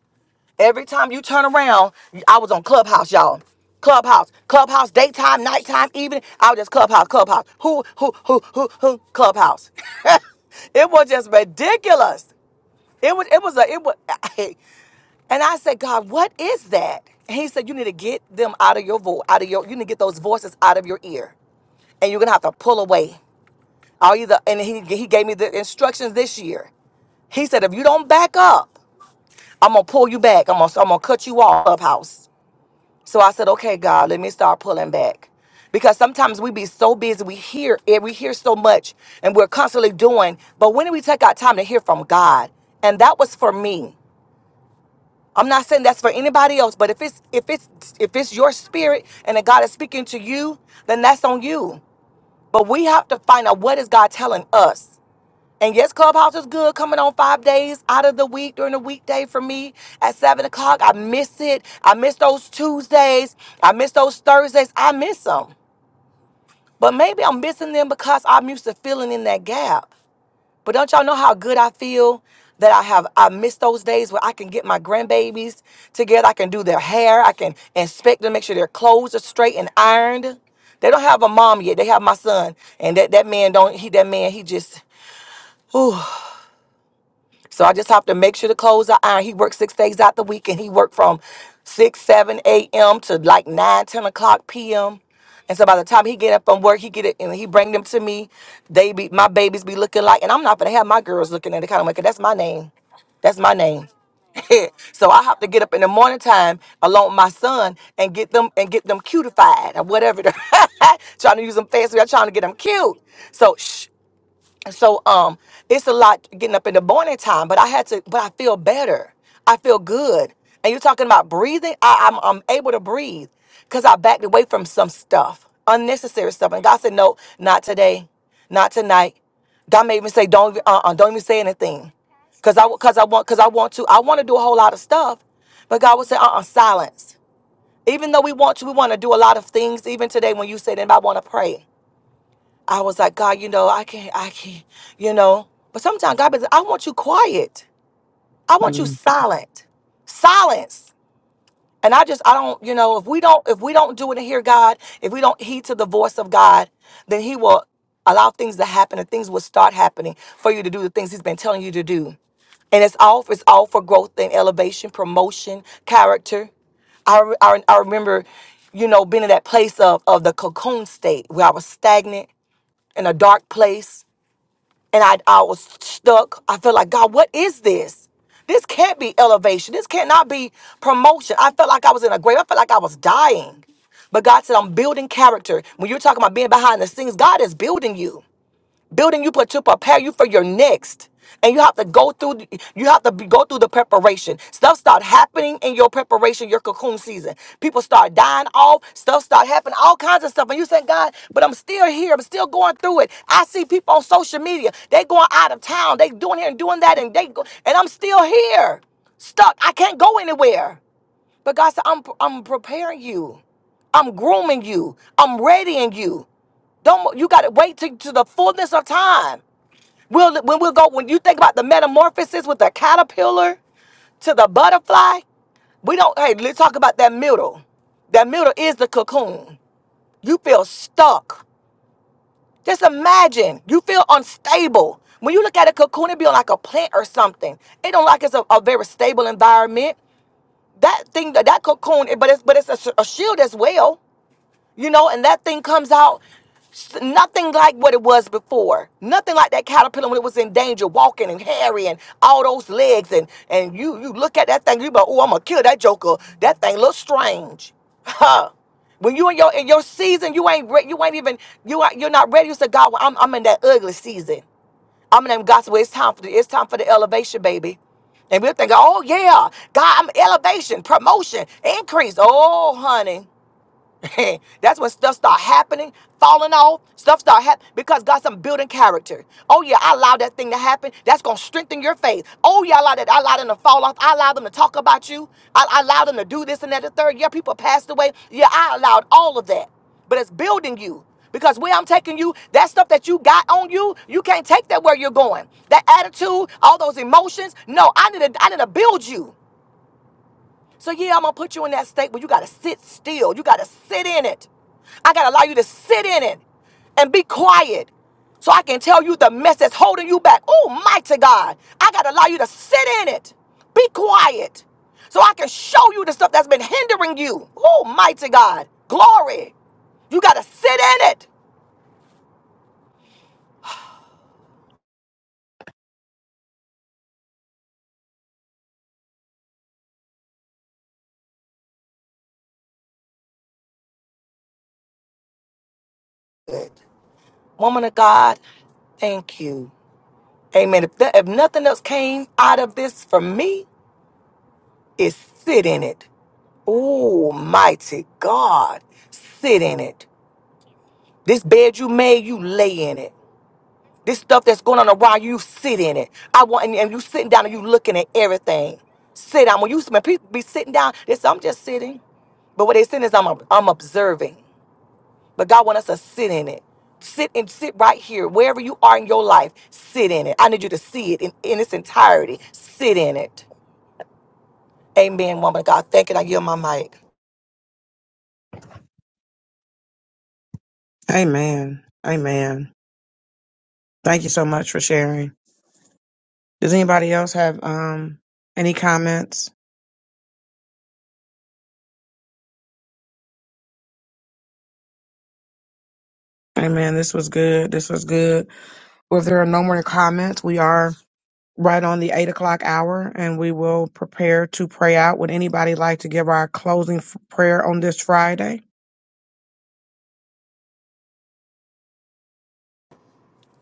Every time you turn around, I was on Clubhouse, y'all. Clubhouse, Clubhouse, daytime, nighttime, evening. I was just Clubhouse, Clubhouse. Who, who, who, who, who? Clubhouse. (laughs) it was just ridiculous. It was, it was a, it was. (laughs) and I said, God, what is that? And he said, you need to get them out of your voice, out of your. You need to get those voices out of your ear and you're gonna have to pull away. All you the and he he gave me the instructions this year. He said, if you don't back up, I'm gonna pull you back. I'm gonna I'm gonna cut you off of house. So I said, okay, God, let me start pulling back. Because sometimes we be so busy, we hear it, we hear so much, and we're constantly doing. But when do we take our time to hear from God? And that was for me. I'm not saying that's for anybody else, but if it's if it's if it's your spirit and that God is speaking to you, then that's on you. But we have to find out what is God telling us. And yes, Clubhouse is good coming on five days out of the week during the weekday for me at seven o'clock. I miss it. I miss those Tuesdays. I miss those Thursdays. I miss them. But maybe I'm missing them because I'm used to filling in that gap. But don't y'all know how good I feel that I have I miss those days where I can get my grandbabies together. I can do their hair. I can inspect them, make sure their clothes are straight and ironed. They don't have a mom yet. They have my son. And that, that man don't he that man he just Ooh. So I just have to make sure the clothes are ironed. He worked six days out the week, and he worked from 6, 7 a.m. to like 9, 10 o'clock p.m. And so by the time he get up from work, he get it and he bring them to me. They be my babies be looking like, and I'm not gonna have my girls looking at the kind of because that's my name. That's my name. (laughs) so I have to get up in the morning time along with my son and get them and get them cutified or whatever. (laughs) trying to use them fancy. I'm trying to get them cute. So shh, so um it's a lot getting up in the morning time but i had to but i feel better i feel good and you're talking about breathing I, i'm i'm able to breathe because i backed away from some stuff unnecessary stuff and god said no not today not tonight god made me say don't even- uh-uh, don't even say anything because i because i want because i want to i want to do a whole lot of stuff but god would say uh-uh silence even though we want to we want to do a lot of things even today when you said and i want to pray I was like, God, you know, I can't, I can't, you know. But sometimes God be like, I want you quiet. I want you silent. Silence. And I just, I don't, you know, if we don't, if we don't do it and hear God, if we don't heed to the voice of God, then He will allow things to happen and things will start happening for you to do the things He's been telling you to do. And it's all, it's all for growth and elevation, promotion, character. I, re- I, re- I remember, you know, being in that place of, of the cocoon state where I was stagnant in a dark place and I, I was stuck. I felt like, God, what is this? This can't be elevation. This cannot be promotion. I felt like I was in a grave. I felt like I was dying. But God said, I'm building character. When you're talking about being behind the scenes, God is building you building you put to prepare you for your next and you have to go through the- you have to be, go through the preparation stuff start happening in your preparation your cocoon season people start dying off stuff start happening all kinds of stuff and you say god but i'm still here i'm still going through it i see people on social media they going out of town they doing here and doing that and they go, and i'm still here stuck i can't go anywhere but god said i'm i'm preparing you i'm grooming you i'm readying you don't you got to wait to, to the fullness of time. We'll when we'll go when you think about the metamorphosis with the caterpillar to the butterfly. We don't. Hey, let's talk about that middle. That middle is the cocoon. You feel stuck. Just imagine you feel unstable. When you look at a cocoon, it be like a plant or something. It don't like it's a, a very stable environment. That thing, that cocoon, it- but it's but it's a, s- a shield as well. you know, and that thing comes out s- nothing like what it was before. Nothing like that caterpillar when it was in danger, walking and hairy and all those legs. And and you you look at that thing, you be like, oh, I'm gonna kill that joker. That thing looks strange, (laughs) huh? When you in your in your season, you ain't re- you ain't even you are, you're not ready. You say, God, well, I'm I'm in that ugly season. I'm in that gospel. It's time for the it's time for the elevation, baby. And we're thinking, oh yeah, God, I'm elevation, promotion, increase. Oh, honey. (laughs) That's when stuff start happening, falling off. Stuff start happening because God's some building character. Oh yeah, I allowed that thing to happen. That's gonna strengthen your faith. Oh yeah, I allowed that. I allowed them to fall off. I allowed them to talk about you. I, I allowed them to do this and that. The third, yeah, people passed away. Yeah, I allowed all of that, but it's building you. Because where I'm taking you, that stuff that you got on you, you can't take that where you're going. That attitude, all those emotions. No, I need to, I need to build you. So yeah, I'm gonna put you in that state where you gotta sit still. You gotta sit in it. I gotta allow you to sit in it and be quiet. So I can tell you the mess that's holding you back. Oh mighty God. I gotta allow you to sit in it. Be quiet. So I can show you the stuff that's been hindering you. Oh mighty God. Glory. You gotta sit in it. Good Woman of God, thank you. Amen. If, that, if nothing else came out of this for me, is sit in it. Oh, mighty God. Sit in it. This bed you made, you lay in it. This stuff that's going on around you, you sit in it. I want, and, and you sitting down and you looking at everything. Sit down. When you when people be sitting down, they say, I'm just sitting. But what they saying is, I'm, ob- I'm observing. But God want us to sit in it. Sit and sit right here, wherever you are in your life, sit in it. I need you to see it in, in its entirety. Sit in it. Amen, woman of God. Thank you. I yield my mic. Amen. Amen. Thank you so much for sharing. Does anybody else have um any comments? Amen. This was good. This was good. Well, if there are no more comments, we are right on the eight o'clock hour, and we will prepare to pray out. Would anybody like to give our closing f- prayer on this Friday?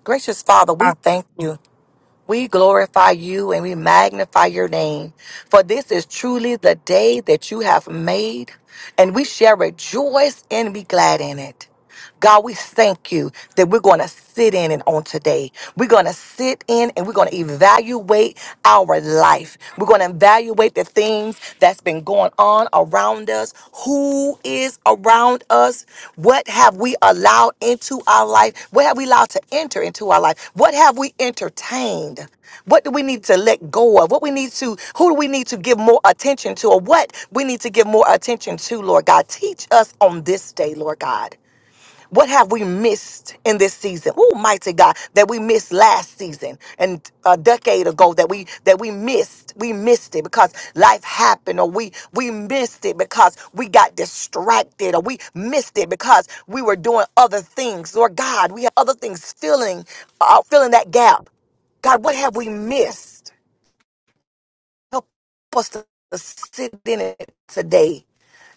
Gracious Father, I, we thank you. We glorify you and we magnify your name. For this is truly the day that you have made, and we shall rejoice and be glad in it. God, we thank you that we're going to sit in it on today. We're going to sit in and we're going to evaluate our life. We're going to evaluate the things that's that's been going on around us, who is around us, what have we allowed into our life, what have we allowed to enter into our life, what have we entertained, what do we need to let go of, what we need to, who do we need to give more attention to, or what we need to give more attention to, Lord God. Teach us on this day, Lord God. What have we missed in this season? Oh, mighty God, that we missed last season and a decade ago that we that we missed. We missed it because life happened, or we we missed it because we got distracted, or we missed it because we were doing other things. Lord God, we had other things filling uh, filling that gap. God, what have we missed? Help us to to sit in it today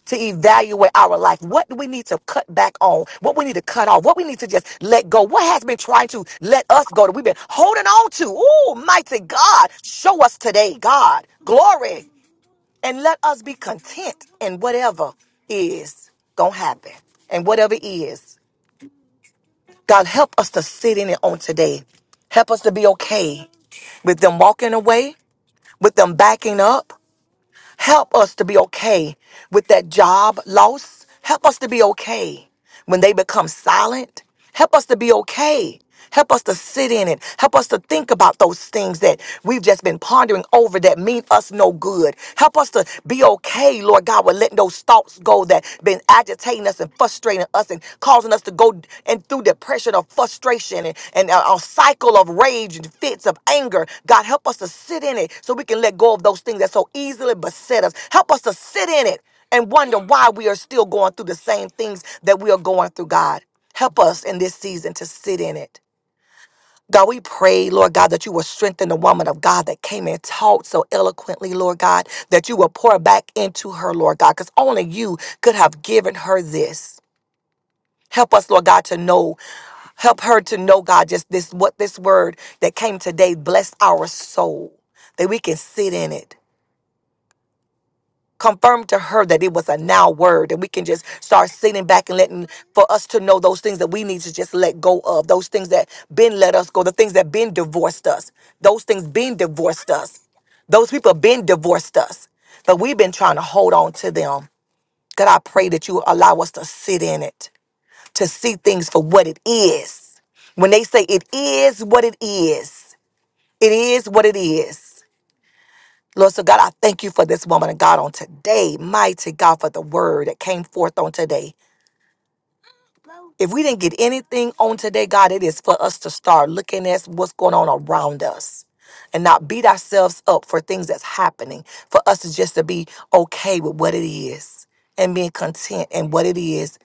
to evaluate our life. What do we need to cut back on? What we need to cut off? What we need to just let go? What has been trying to let us go that we've been holding on to? Oh, mighty God, show us today, God, glory, and let us be content in whatever is gonna happen and whatever is. God, help us to sit in it on today. Help us to be okay with them walking away, with them backing up, Help us to be okay with that job loss. Help us to be okay when they become silent. Help us to be okay. Help us to sit in it. Help us to think about those things that we've just been pondering over that mean us no good. Help us to be okay, Lord God, with letting those thoughts go that been agitating us and frustrating us and causing us to go and through depression or frustration and, and a, a cycle of rage and fits of anger. God, help us to sit in it so we can let go of those things that so easily beset us. Help us to sit in it and wonder why we are still going through the same things that we are going through, God. Help us in this season to sit in it. God, we pray, Lord God, that you will strengthen the woman of God that came and taught so eloquently, Lord God, that you will pour back into her, Lord God, because only you could have given her this. Help us, Lord God, to know. Help her to know, God, just this what this word that came today, bless our soul, that we can sit in it. Confirm to her that it was a now word, that we can just start sitting back and letting for us to know those things that we need to just let go of, those things that been let us go, the things that been divorced us, those things been divorced us. Those people been divorced us, but we've been trying to hold on to them. God, I pray that you allow us to sit in it to see things for what it is. When they say it is what it is, it is what it is. Lord, so God, I thank you for this woman of God on today. Mighty God, for the word that came forth on today. If we didn't get anything on today, God, it is for us to start looking at what's going on around us and not beat ourselves up for things that's happening. For us to just to be okay with what it is and being content in what it is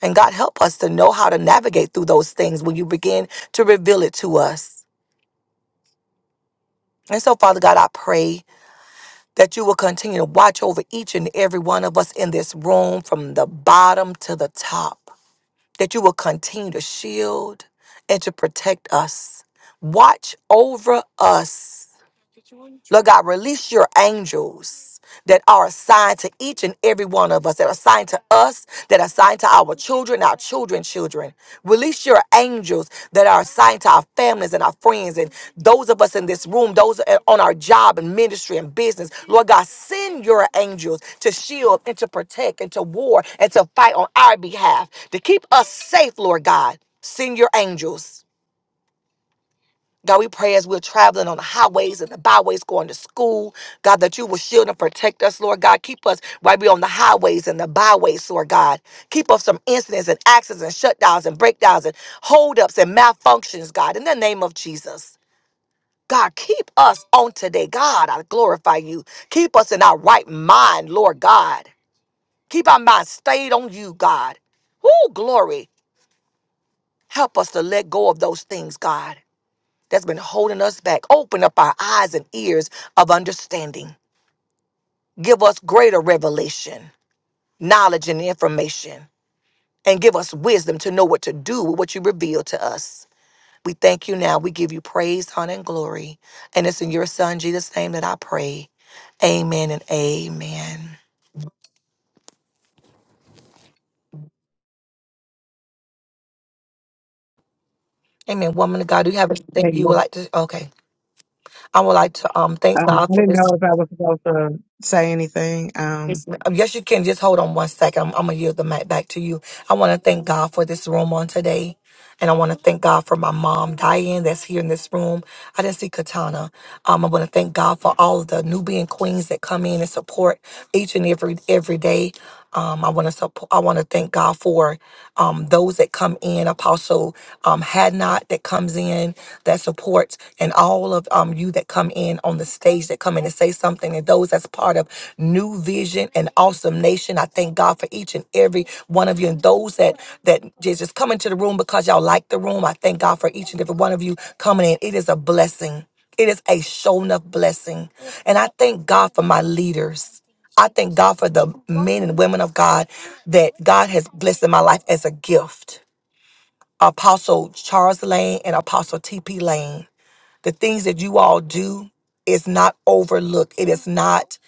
And God help us to know how to navigate through those things when you begin to reveal it to us. And so, Father God, I pray that you will continue to watch over each and every one of us in this room from the bottom to the top, that you will continue to shield and to protect us. Watch over us. Lord God, release your angels that are assigned to each and every one of us, that are assigned to us, that are assigned to our children, our children's children. Release your angels that are assigned to our families and our friends and those of us in this room, those on our job and ministry and business. Lord God, send your angels to shield and to protect and to war and to fight on our behalf, to keep us safe, Lord God. Send your angels. God, we pray as we're traveling on the highways and the byways going to school, God, that you will shield and protect us, Lord God. Keep us while we're on the highways and the byways, Lord God. Keep us from incidents and accidents and shutdowns and breakdowns and holdups and malfunctions, God, in the name of Jesus. God, keep us on today. God, I glorify you. Keep us in our right mind, Lord God. Keep our mind stayed on you, God. Woo, glory. Help us to let go of those things, God that's been holding us back. Open up our eyes and ears of understanding. Give us greater revelation, knowledge, and information, and give us wisdom to know what to do with what you reveal to us. We thank you now. We give you praise, honor, and glory. And it's in your Son, Jesus' name, that I pray. Amen and amen. Amen. Woman of God, do you have anything you um, would like to? Okay. I would like to um I thank God for didn't this. know if I was supposed to say anything. Um, Yes, ma'am. Um, Yes, you can. Just hold on one second. I'm, I'm going to yield the mic back to you. I want to thank God for this room on today. And I want to thank God for my mom, Diane, that's here in this room. I didn't see Katana. Um, I want to thank God for all of the Nubian queens that come in and support each and every every day. Um, I want to support. I want to thank God for um, those that come in. Apostle um, Hadnot that comes in that supports, and all of um, you that come in on the stage that come in and say something, and those that's part of New Vision and Awesome Nation. I thank God for each and every one of you, and those that that just just come into the room because y'all like the room. I thank God for each and every one of you coming in. It is a blessing. It is a shown up blessing, and I thank God for my leaders. I thank God for the men and women of God that God has blessed in my life as a gift. Apostle Charles Lane and Apostle TP Lane. The things that you all do is not overlooked, it is not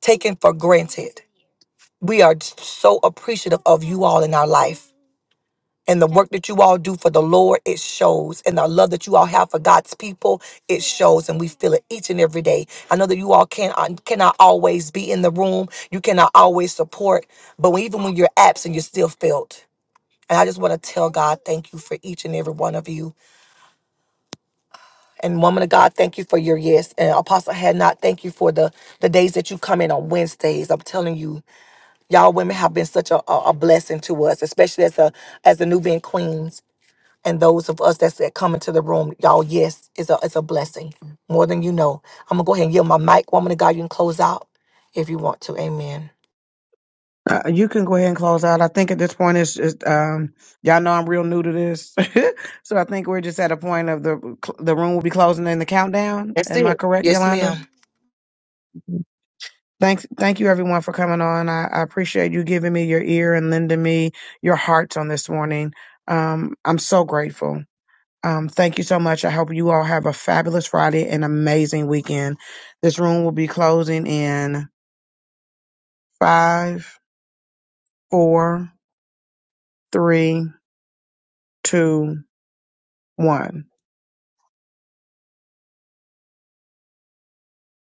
taken for granted. We are so appreciative of you all in our life and the work that you all do for the Lord, it shows. And the love that you all have for God's people, it shows. And we feel it each and every day. I know that you all can, uh, cannot always be in the room, you cannot always support, but when, even when you're absent, you're still felt. And I just want to tell God, thank you for each and every one of you. And woman of God, thank you for your yes. And Apostle Had not, thank you for the, the days that you come in on Wednesdays. I'm telling you, y'all women have been such a, a, a blessing to us, especially as a as the Nubian Queens. and those of us that's that come into the room, y'all, yes, it's a it's a blessing more than you know. I'm gonna go ahead and yield my mic, woman of God. You can close out if you want to. Amen. uh, you can go ahead and close out. I think at this point, it's just um, y'all know I'm real new to this, (laughs) so I think we're just at a point of the the room will be closing in the countdown. That's Am I it. correct, Yes, Yolanda? ma'am. Thanks, thank you everyone for coming on. I, I appreciate you giving me your ear and lending me your hearts on this morning. Um, I'm so grateful. Um, thank you so much. I hope you all have a fabulous Friday and amazing weekend. This room will be closing in five, four, three, two, one.